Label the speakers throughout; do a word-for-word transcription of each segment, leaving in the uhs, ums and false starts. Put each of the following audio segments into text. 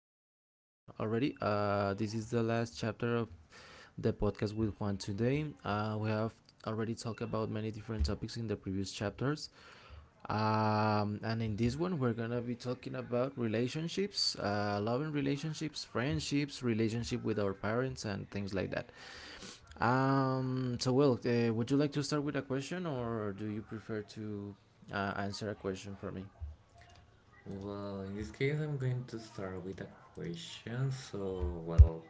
Speaker 1: afternoon already. Uh, this is the last chapter of the podcast with Juan today. Uh, we have already talked about many different topics in the previous chapters. Um, and in this one, we're gonna be talking about relationships, uh, loving relationships, friendships, relationship with our parents, and things like that. Um, so well, uh, would you like to start with a question, or do you prefer to uh, answer a question for me?
Speaker 2: Well, in this case, I'm going to start with a question. So, well,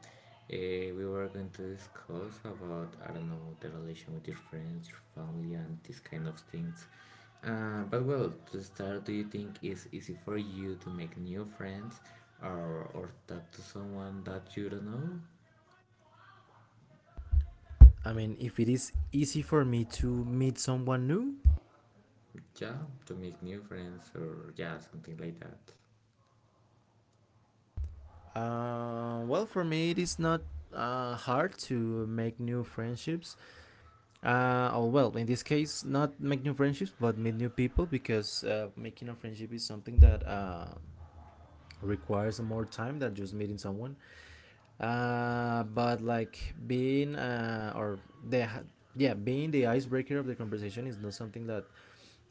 Speaker 2: eh, we were going to discuss about, I don't know, the relation with your friends, your family, and these kind of things. Uh, but, well, to start, do you think it's easy for you to make new friends or, or talk to someone that you don't know?
Speaker 1: I mean, if it is easy for me to meet someone new,
Speaker 2: Yeah, to make new friends or, yeah, something like that.
Speaker 1: uh, well, for me, it is not uh, hard to make new friendships. Uh, oh, well, in this case, not make new friendships, but meet new people because uh, making a friendship is something that uh, requires more time than just meeting someone. Uh, but like being uh, or the yeah being the icebreaker of the conversation is not something that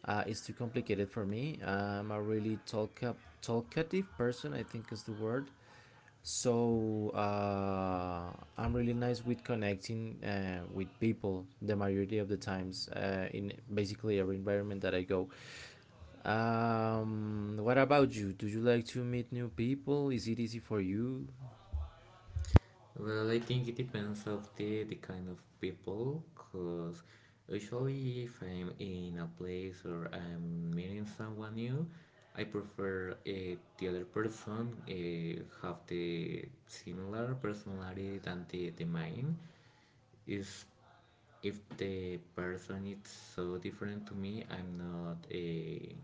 Speaker 1: Uh, it's too complicated for me. I'm a really talk up, talkative person, I think is the word. So uh, I'm really nice with connecting uh, with people the majority of the times uh, in basically every environment that I go. Um, what about you? Do you like to meet new people? Is it easy for you?
Speaker 2: Well, I think it depends of the the kind of people, cause usually if I'm in a place or I'm meeting someone new, I prefer uh, the other person uh, have the similar personality than the, the mine. Is if the person is so different to me, I'm not a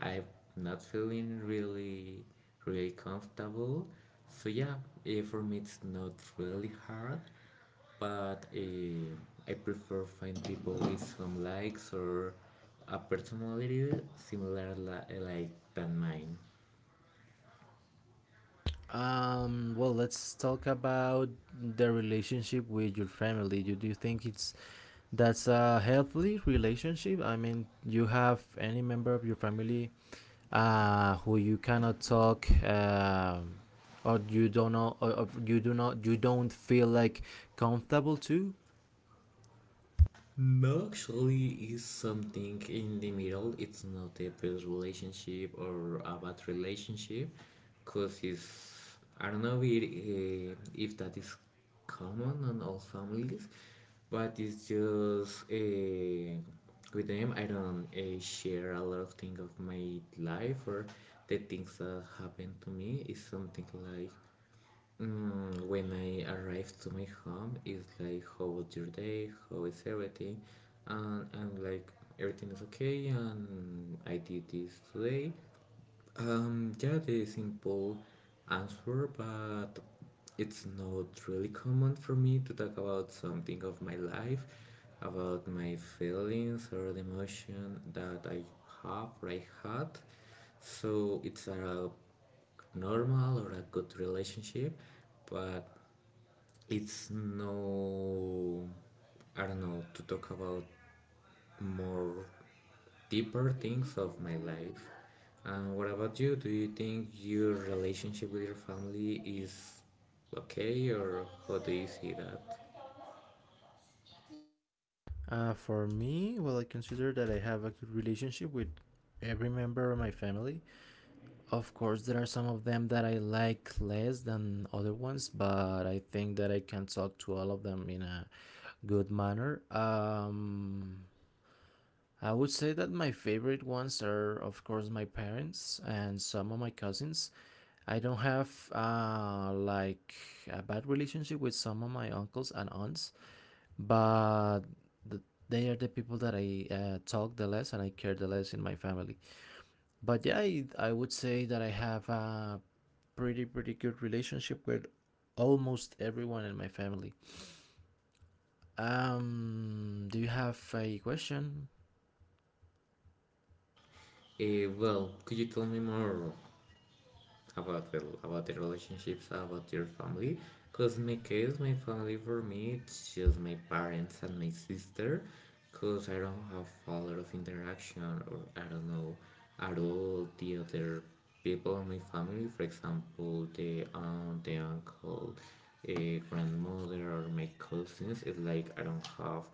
Speaker 2: I'm not feeling really, really comfortable. So yeah, eh, for me it's not really hard, but eh, I prefer find people with some likes or a personality similar li- like than mine.
Speaker 1: Um, well, let's talk about the relationship with your family. Do you think it's that's a healthy relationship? I mean, you have any member of your family uh, who you cannot talk um, or you don't know, or, or you do not you don't feel like comfortable to
Speaker 2: No, actually, is something in the middle. It's not a previous relationship or a bad relationship, cause it's I don't know if, uh, if that is common on all families, but it's just uh, with them. I don't uh, share a lot of things of my life or the things that happened to me. It's something like Mm, when I arrive to my home, it's like, how was your day? How is everything? And I'm like, everything is okay, and I did this today. Um, yeah, the simple answer, but it's not really common for me to talk about something of my life, about my feelings or the emotion that I have or I had. So it's a normal or a good relationship, but it's no, I don't know, to talk about more deeper things of my life. Uh, what about you? Do you think your relationship with your family is okay, or how do you see that?
Speaker 1: uh, for me, well, I consider that I have a good relationship with every member of my family. Of course, there are some of them that I like less than other ones, but I think that I can talk to all of them in a good manner. um I would say that my favorite ones are, of course, my parents and some of my cousins. I don't have uh, like a bad relationship with some of my uncles and aunts, but th- they are the people that I uh, talk the less and I care the less in my family. But yeah, I, I would say that I have a pretty pretty good relationship with almost everyone in my family. Um, do you have a question?
Speaker 2: Eh. Well, could you tell me more about the about the relationships, about your family. Cause in my case, my family for me it's just my parents and my sister. Cause I don't have a lot of interaction or I don't know at all the other people in my family. For example, the aunt, the uncle, a grandmother, or my cousins. It's like I don't have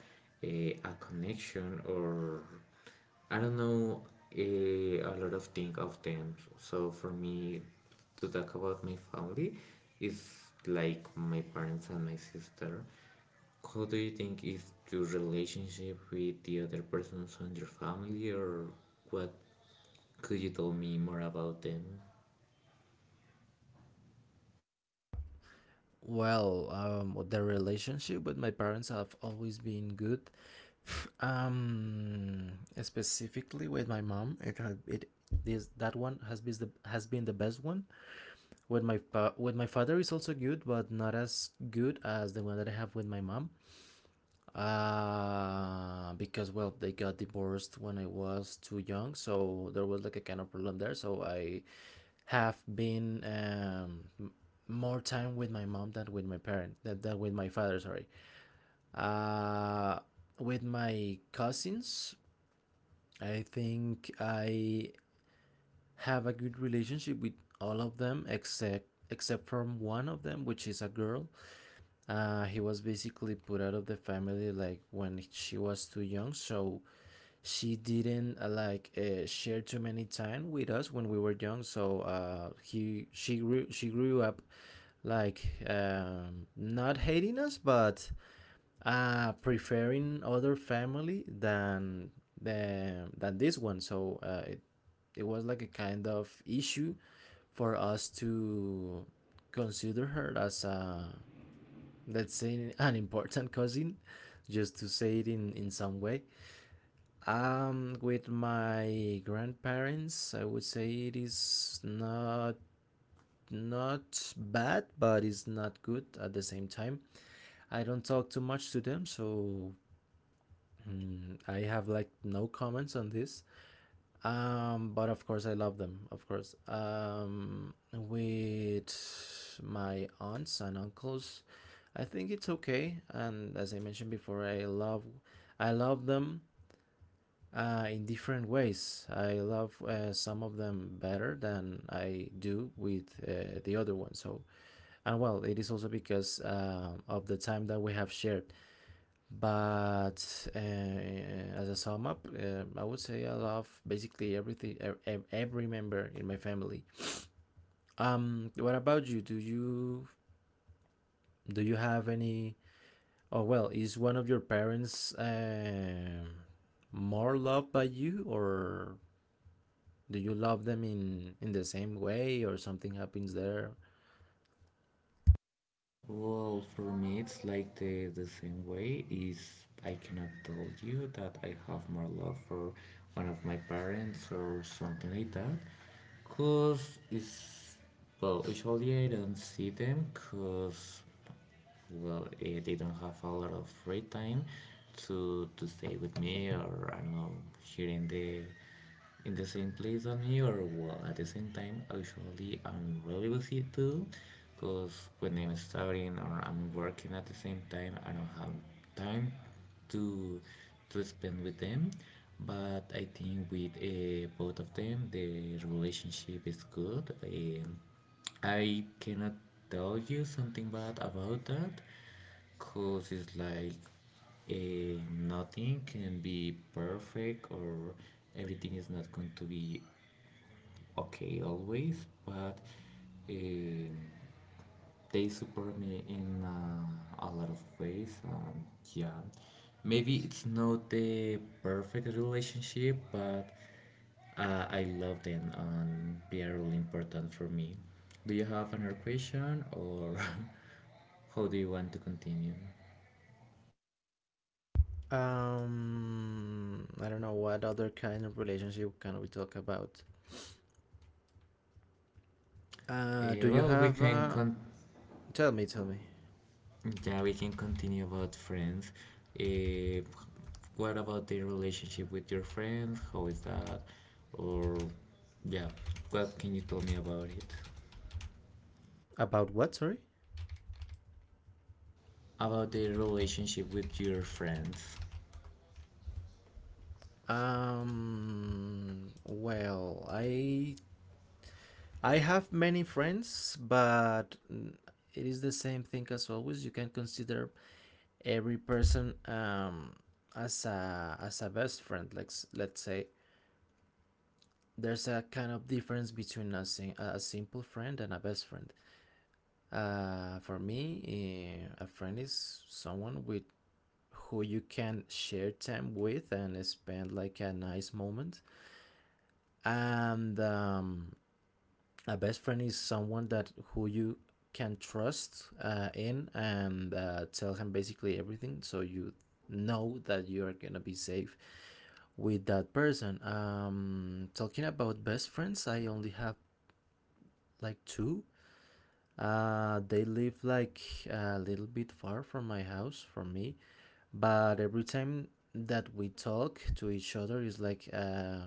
Speaker 2: a, a connection or I don't know a, a lot of thing of them. So for me to talk about my family is like my parents and my sister. How do you think is your relationship with the other persons on your family or what could you tell me more about them?
Speaker 1: Well, um, the relationship with my parents have always been good. Um, Specifically with my mom, it had it this that one has been the has been the best one. With my fa- with my father is also good, but not as good as the one that I have with my mom. Uh, because well, they got divorced when I was too young, so there was like a kind of problem there. So I have been um, more time with my mom than with my parent than, than with my father, sorry. uh, with my cousins, I think I have a good relationship with all of them except except from one of them, which is a girl. Uh, he was basically put out of the family like when she was too young, so she didn't uh, like uh, share too many time with us when we were young. So uh, he she grew she grew up like um, not hating us, but uh, preferring other family than the than this one. So uh, it it was like a kind of issue for us to consider her as a, let's say, an important cousin, just to say it in in some way. Um with my grandparents, I would say it is not not bad, but it's not good at the same time. I don't talk too much to them, so mm, I have like no comments on this. Um, but of course, I love them. Of course. Um, with my aunts and uncles, I think it's okay. And as I mentioned before, I love, I love them uh, in different ways. I love uh, some of them better than I do with uh, the other one. So, and well, it is also because uh, of the time that we have shared. But uh, uh, as a sum up, uh, I would say I love basically everything, e, e, every member in my family. Um, what about you? Do you do you have any? Oh, well, is one of your parents um more loved by you, or do you love them in in the same way, or something happens there?
Speaker 2: Well, for me, it's like the, the same way. Is I cannot tell you that I have more love for one of my parents or something like that, cause it's well, usually I don't see them, cause well, he didn't have a lot of free time to to stay with me, or I don't know, here in the in the same place as me, or well, at the same time, actually, I'm really busy too, because when I'm studying or I'm working at the same time, I don't have time to to spend with them. But I think with uh, both of them, the relationship is good. Um, I cannot tell you something bad about that, cause it's like eh, nothing can be perfect or everything is not going to be okay always, but um they support me in uh, a lot of ways. Um, yeah, maybe it's not the perfect relationship, but uh, I love them and they are really important for me. Do you have another question or how do you want to continue?
Speaker 1: Um, I don't know what other kind of relationship can we talk about. Uh, do
Speaker 2: Uh,
Speaker 1: you
Speaker 2: well, we
Speaker 1: have?
Speaker 2: can
Speaker 1: Uh,
Speaker 2: con-
Speaker 1: tell me, tell me.
Speaker 2: Yeah, we can continue about friends. Eh, what about the relationship with your friends? How is that? Or, yeah, what can you tell me about it?
Speaker 1: About what? Sorry.
Speaker 2: About the relationship with your friends.
Speaker 1: Um, well, I I have many friends, but mm, it is the same thing as always. You can consider every person um as a as a best friend. Like s- let's say there's a kind of difference between a sim- a simple friend and a best friend. Uh, for me, eh, a friend is someone with who you can share time with and spend like a nice moment, and um, a best friend is someone that who you can trust uh, in and uh, tell him basically everything, so you know that you are gonna be safe with that person. Um talking about best friends, I only have like two. Uh they live like a little bit far from my house, from me, but every time that we talk to each other is like uh,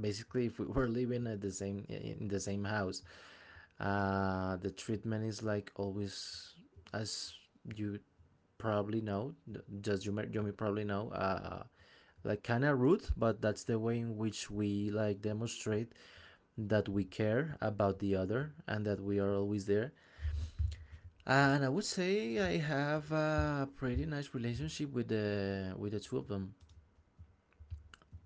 Speaker 1: basically if we were living at the same in the same house. Uh, the treatment is like always, as you probably know, th- just you, you may probably know, uh, like kind of rude, but that's the way in which we like demonstrate that we care about the other and that we are always there. And I would say I have a pretty nice relationship with the with the two of them.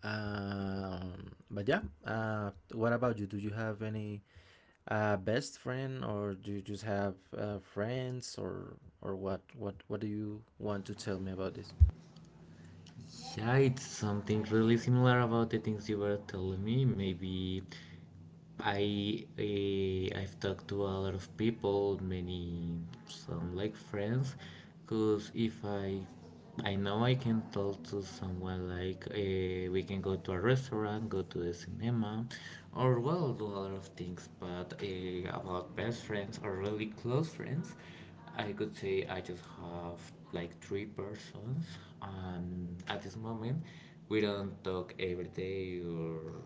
Speaker 1: Um, but yeah, uh, what about you? Do you have any Uh, best friend, or do you just have uh, friends, or or what? What what do you want to tell me about this?
Speaker 2: Yeah, it's something really similar about the things you were telling me. Maybe I uh, I've talked to a lot of people, many some like friends, because if I I know I can talk to someone like uh, we can go to a restaurant, go to the cinema, or well do a lot of things. But uh, about best friends or really close friends, I could say I just have like three persons, and at this moment, we don't talk every day or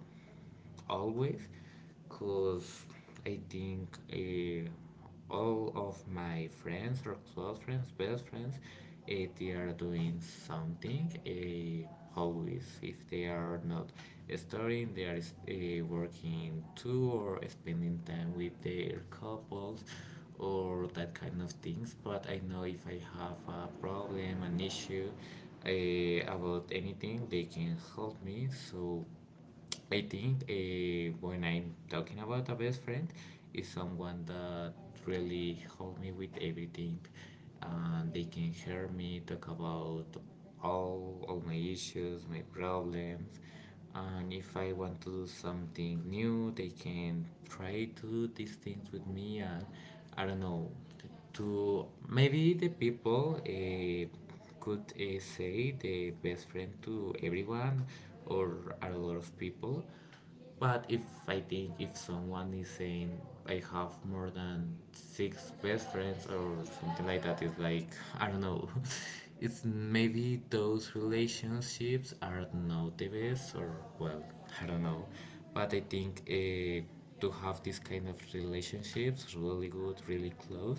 Speaker 2: always, cause I think uh, all of my friends or close friends, best friends, uh, they are doing something. Uh, always, if they are not studying, they are uh, working too or spending time with their couples or that kind of things. But I know if I have a problem, an issue uh, about anything, they can help me. So I think uh, when I'm talking about a best friend, is someone that really help me with everything. And they can hear me talk about all all my issues, my problems, and if I want to do something new, they can try to do these things with me, and I don't know. To maybe the people uh, could uh, say the best friend to everyone or a lot of people, but if I think if someone is saying I have more than six best friends or something like that, it's like I don't know. It's maybe those relationships are not the best, or well, I don't know. But I think uh, to have this kind of relationships, really good, really close,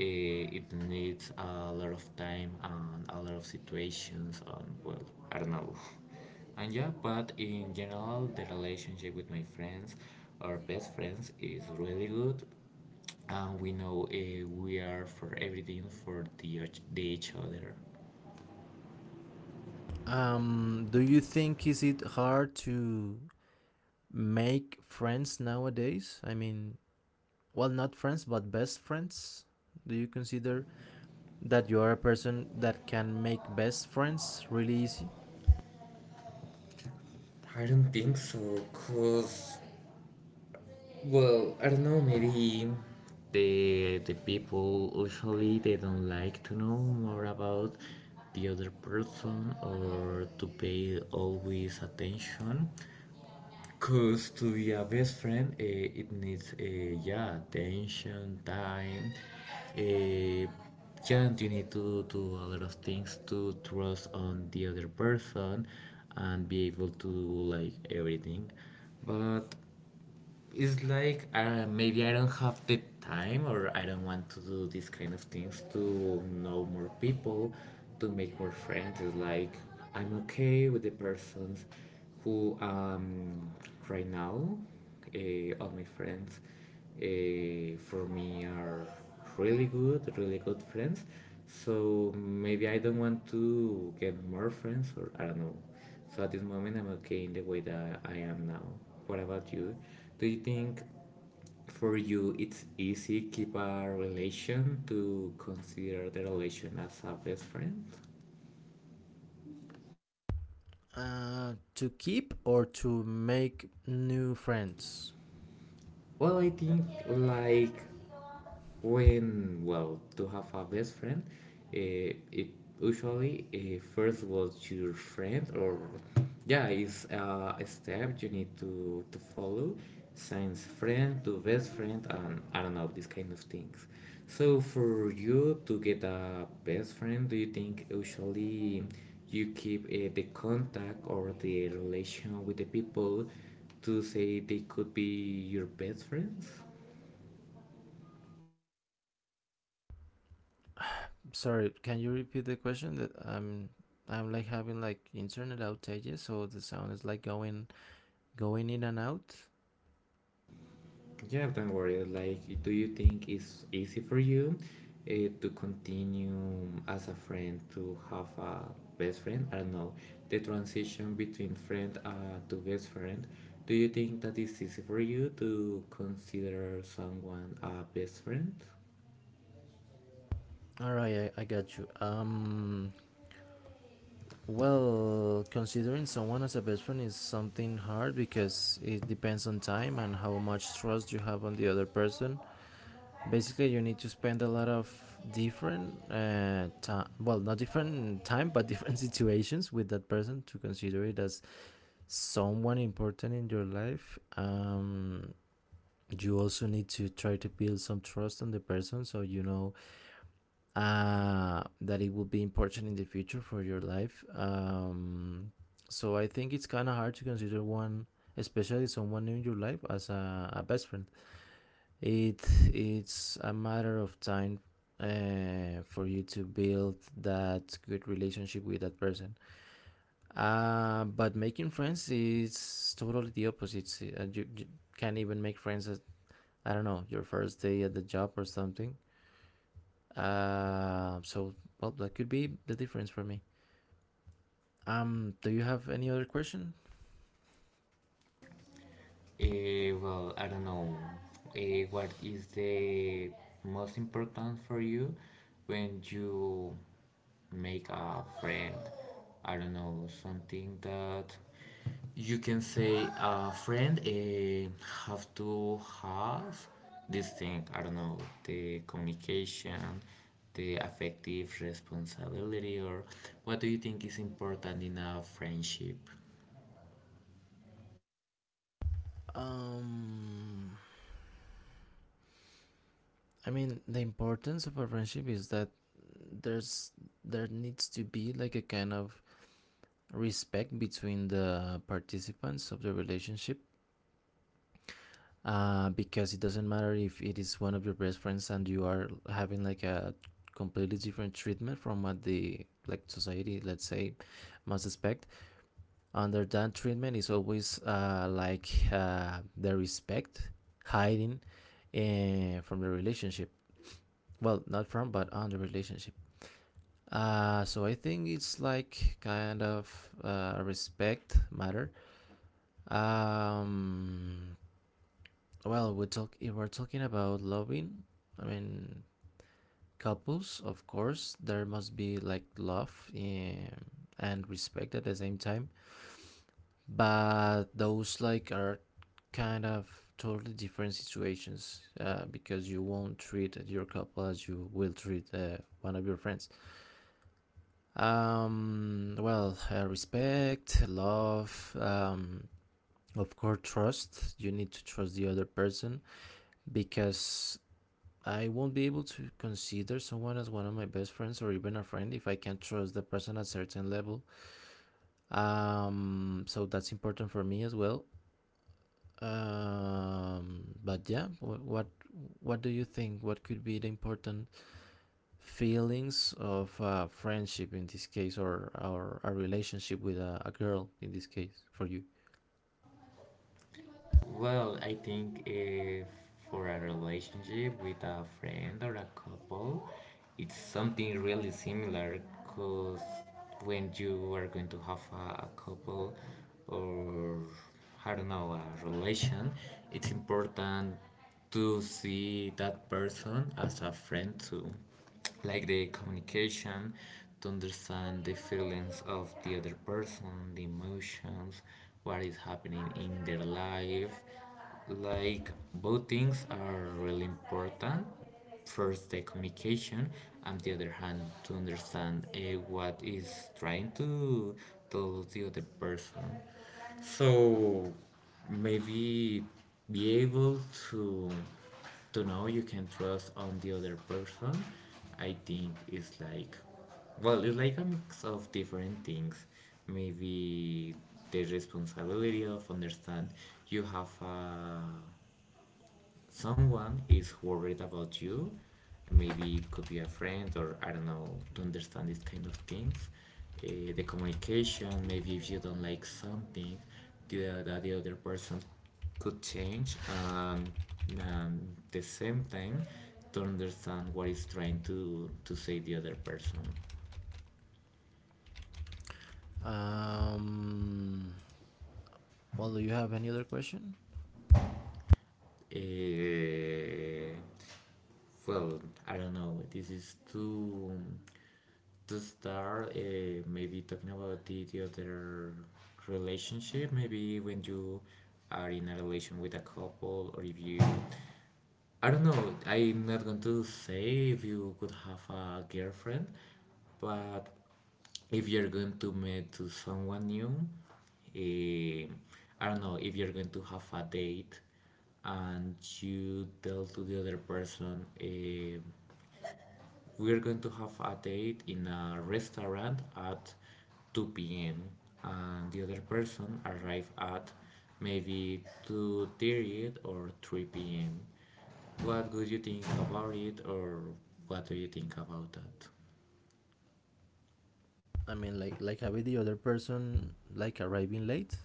Speaker 2: uh, it needs a lot of time and a lot of situations, and well, I don't know. And yeah, but in general, the relationship with my friends, our best friends, is really good. And we know uh, we are for everything for the, och- the each other.
Speaker 1: Um, do you think is it hard to make friends nowadays? I mean, well, not friends, but best friends. Do you consider that you are a person that can make best friends really easy?
Speaker 2: I don't think so, cause well, I don't know, maybe The, the people usually they don't like to know more about the other person or to pay always attention Cause to be a best friend, uh, it needs, uh, yeah, attention, time. Uh, yeah, and you need to do a lot of things to trust on the other person and be able to do like everything. But it's like uh, maybe I don't have the time or I don't want to do these kind of things to know more people, to make more friends. It's like I'm okay with the persons who um right now, uh, all my friends, uh, for me are really good, really good friends. So maybe I don't want to get more friends or I don't know. So at this moment, I'm okay in the way that I am now. What about you? Do you think for you it's easy keep a relation to consider the relation as a best friend?
Speaker 1: Uh, to keep or to make new friends?
Speaker 2: Well, I think like When, well, to have a best friend, uh, it usually uh, first was your friend, or yeah, it's uh, a step you need to, to follow since friend to best friend, and I don't know, these kind of things. So, for you to get a best friend, do you think usually you keep uh, the contact or the relation with the people to say they could be your best friends?
Speaker 1: Sorry, can you repeat the question? That I'm I'm like having like internet outages, so the sound is like going going in and out.
Speaker 2: Yeah, don't worry. Like, do you think it's easy for you uh, to continue as a friend to have a best friend? I don't know. The transition between friend uh, to best friend. Do you think that it's easy for you to consider someone a best friend?
Speaker 1: All right, I, I got you. Um, well, considering someone as a best friend is something hard because it depends on time and how much trust you have on the other person. Basically, you need to spend a lot of different uh, time, well, not different time, but different situations with that person to consider it as someone important in your life. Um, you also need to try to build some trust on the person so you know uh, that it will be important in the future for your life. Um, so I think it's kind of hard to consider one, especially someone new in your life, as a, a best friend. It it's a matter of time uh, for you to build that good relationship with that person. Uh, but making friends is totally the opposite. Uh, you, you can't even make friends at, I don't know, your first day at the job or something. Uh, so well, that could be the difference for me. Um, do you have any other question?
Speaker 2: Eh, well, I don't know. Eh, what is the most important for you when you make a friend? I don't know, something that you can say a friend eh, have to have this thing. I don't know, the communication, the affective responsibility, or what do you think is important in a friendship?
Speaker 1: Um, I mean, the importance of a friendship is that there's there needs to be like a kind of respect between the participants of the relationship, uh, because it doesn't matter if it is one of your best friends and you are having like a completely different treatment from what the, like, society, let's say, must expect. Under that treatment is always uh, like uh, the respect hiding uh, from the relationship, well, not from, but on the relationship. Uh, so I think it's like kind of uh, a respect matter. um, Well, we talk if we're talking about loving, I mean couples, of course, there must be like love um, and respect at the same time. But those like are kind of totally different situations uh, because you won't treat your couple as you will treat uh, one of your friends. Um, well, uh, respect, love, um, of course, trust. You need to trust the other person because I won't be able to consider someone as one of my best friends or even a friend if I can't trust the person at a certain level. Um, so that's important for me as well. Um, but yeah, what what do you think? What could be the important feelings of uh, friendship in this case, or or a relationship with a, a girl in this case for you?
Speaker 2: Well, I think if for a relationship with a friend or a couple, it's something really similar because when you are going to have a, a couple or I don't know, a relation, it's important to see that person as a friend too, like the communication to understand the feelings of the other person, the emotions, what is happening in their life, like both things are really important, first the communication, and the other hand to understand uh, what is trying to tell the other person, so maybe be able to to know you can trust on the other person. I think it's like well it's like a mix of different things, maybe the responsibility of understand you have a someone is worried about you, maybe it could be a friend or I don't know, to understand these kind of things. Uh, the communication, maybe if you don't like something the, that the other person could change, and, and the same time to understand what is trying to, to say the other person.
Speaker 1: Um, well, do you have any other question?
Speaker 2: Eh, well, I don't know. This is too to start uh, maybe talking about the, the other relationship maybe when you are in a relation with a couple or if you I don't know. I'm not going to say if you could have a girlfriend, but if you're going to meet to someone new, eh, I don't know if you're going to have a date and you tell to the other person. eh, We're going to have a date in a restaurant at two p m and the other person arrive at maybe two thirty or three p m. What would you think about it or what do you think about that?
Speaker 1: I mean, like like with the other person, like arriving late.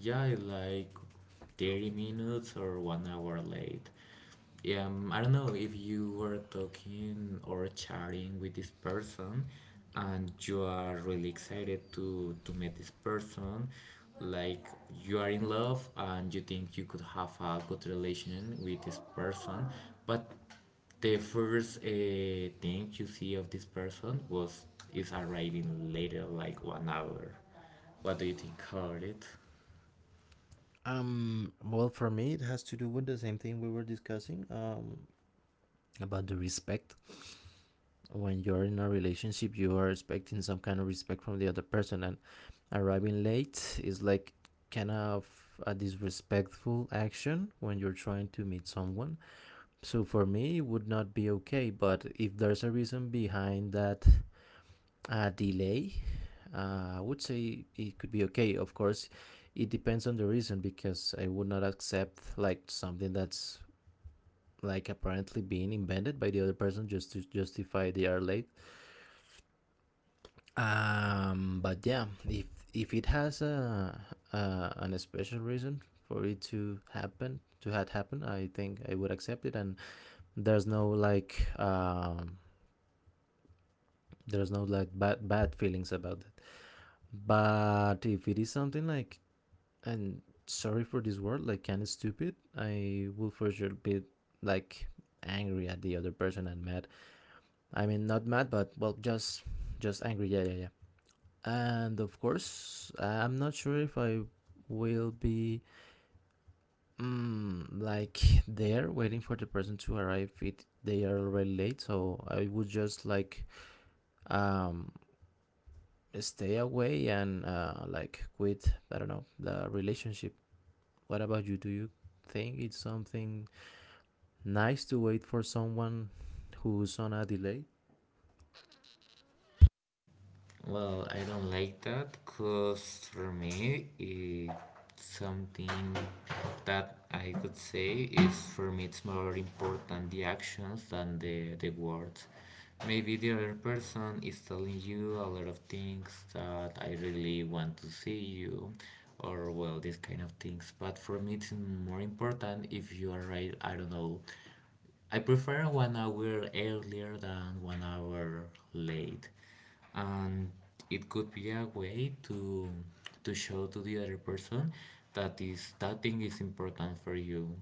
Speaker 2: Yeah, I like thirty minutes or one hour late. Yeah, Um, I don't know if you were talking or chatting with this person and you are really excited to, to meet this person, like you are in love and you think you could have a good relation with this person, but the first uh, thing you see of this person was is arriving later, like one hour. What do you think about it?
Speaker 1: Um, well, for me, it has to do with the same thing we were discussing um, about the respect. When you're in a relationship, you are expecting some kind of respect from the other person, and arriving late is like kind of a disrespectful action when you're trying to meet someone. So for me, it would not be okay. But if there's a reason behind that uh, delay, uh, I would say it could be okay. Of course, it depends on the reason because I would not accept like something that's like apparently being invented by the other person just to justify they are late. Um, but yeah, if if it has a, a an special reason for it to happen, to had happen, I think I would accept it, and there's no like um, there's no like bad bad feelings about that. But if it is something like and sorry for this word like kind of stupid, I will for sure be like angry at the other person and mad I mean, not mad, but well, just just angry. Yeah, yeah, yeah. And of course, I'm not sure if I will be mm, like there waiting for the person to arrive if they are already late. So I would just like um stay away and uh, like quit. I don't know the relationship. What about you? Do you think it's something nice to wait for someone who's on a delay?
Speaker 2: Well, I don't like that because for me, it's something that I could say is for me, it's more important the actions than the, the words. Maybe the other person is telling you a lot of things that I really want to see you, or well, these kind of things. But for me, it's more important if you are right, I don't know, I prefer one hour earlier than one hour late. And it could be a way to to show to the other person that is that thing is important for you.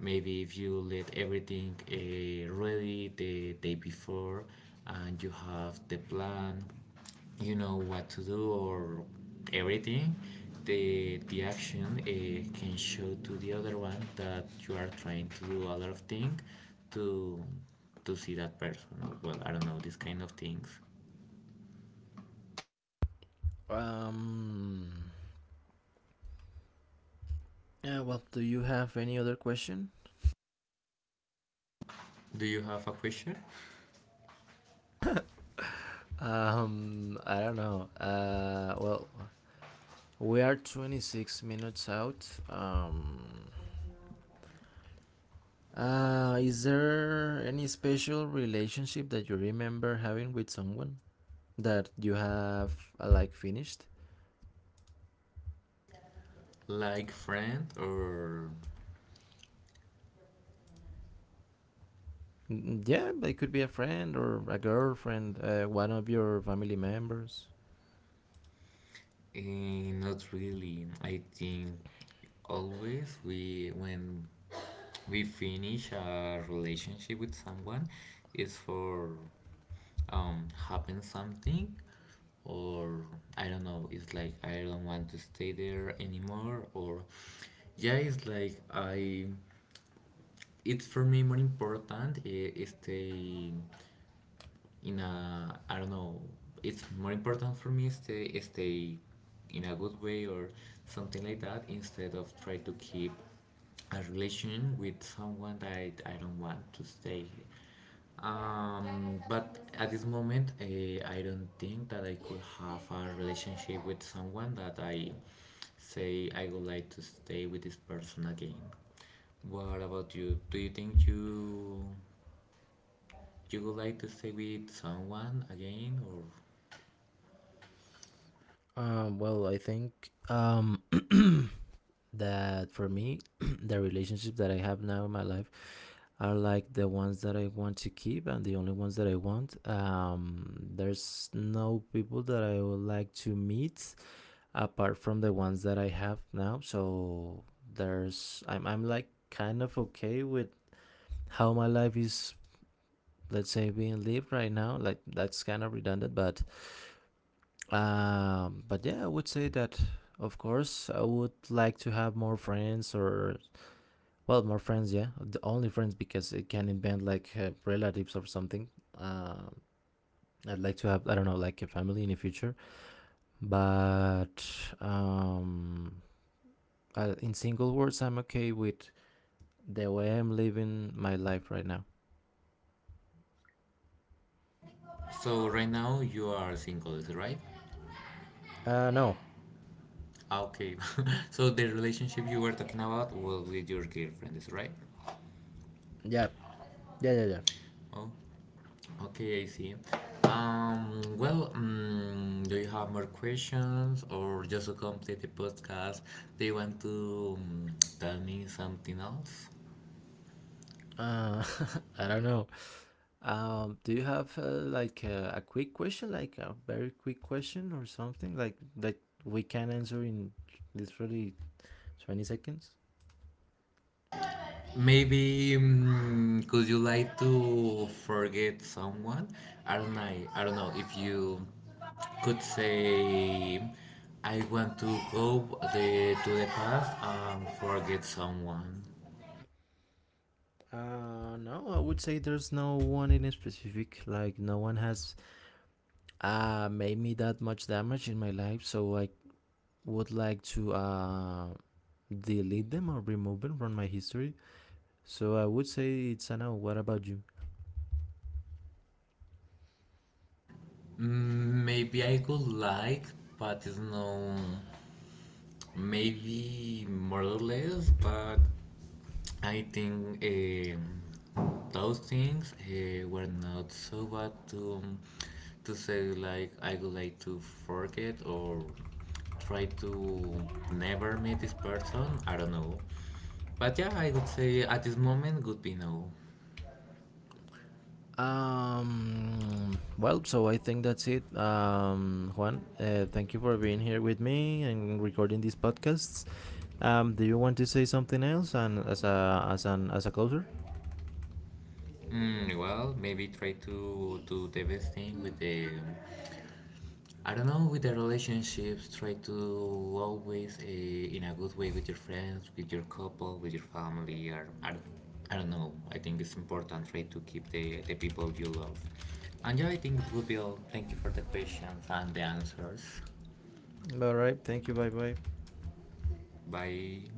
Speaker 2: Maybe if you let everything uh, ready the day before and you have the plan you know what to do or everything, the the action uh, can show to the other one that you are trying to do a lot of things to to see that person. Well, I don't know these kind of things.
Speaker 1: Um. Yeah, well, do you have any other question?
Speaker 2: Do you have a question?
Speaker 1: Um, I don't know. Uh, well, we are twenty-six minutes out. Um, uh, is there any special relationship that you remember having with someone that you have uh, like finished?
Speaker 2: Like friend or
Speaker 1: Mm, mm, yeah, it could be a friend or a girlfriend, uh, one of your family members.
Speaker 2: eh, not really? I think always we when we finish a relationship with someone is for um happen something or I don't know, it's like I don't want to stay there anymore or yeah, it's like I it's for me more important eh, stay in a I don't know, it's more important for me stay stay in a good way or something like that instead of try to keep a relation with someone that I, I don't want to stay um, but at this moment, uh, I don't think that I could have a relationship with someone that I say I would like to stay with this person again. What about you? Do you think you you would like to stay with someone again or
Speaker 1: Um, well, I think um, that for me, the relationship that I have now in my life are like the ones that I want to keep and the only ones that I want. Um, there's no people that I would like to meet apart from the ones that I have now. So there's I'm I'm like kind of okay with how my life is let's say being lived right now, like that's kind of redundant, but um but yeah, I would say that of course I would like to have more friends or well, more friends, yeah. The only friends because it can invent like uh, relatives or something. Uh, I'd like to have I don't know like a family in the future, but um, uh, in single words, I'm okay with the way I'm living my life right now.
Speaker 2: so right now you are single, is it right?
Speaker 1: Uh, no,
Speaker 2: Ah, okay. So the relationship you were talking about was with your girlfriend, is it right?
Speaker 1: yeah, yeah, yeah, yeah.
Speaker 2: Oh. Okay, I see. Um, well, mm do you have more questions or just to complete the podcast, do you want to mm, tell me something else?
Speaker 1: Uh, I don't know. Um, do you have uh, like uh, a quick question, like a very quick question or something like that we can answer in literally twenty seconds?
Speaker 2: Maybe mm could you like to forget someone? I don't know. I don't know if you could say I want to go the, to the past and forget someone.
Speaker 1: Uh, no, I would say there's no one in specific. Like no one has uh made me that much damage in my life, so I would like to uh delete them or remove them from my history. So I would say it's a no. What about you?
Speaker 2: Mm, maybe I could like, but it's no. Maybe more or less, but I think um, those things uh, were not so bad to um, to say like I would like to forget or try to never meet this person. I don't know, but yeah, I would say at this moment would be no.
Speaker 1: Um. Well, so I think that's it. Um, Juan, uh, thank you for being here with me and recording these podcasts. Um, do you want to say something else? And as a as an as a closer.
Speaker 2: Mm, well, maybe try to do the best thing with the I don't know with the relationships, try to always uh, in a good way with your friends, with your couple, with your family, or I don't, I don't know. I think it's important try to keep the, the people you love. And yeah, I think it would be all. Thank you for the questions and the answers.
Speaker 1: All right. Thank you. Bye bye.
Speaker 2: Bye.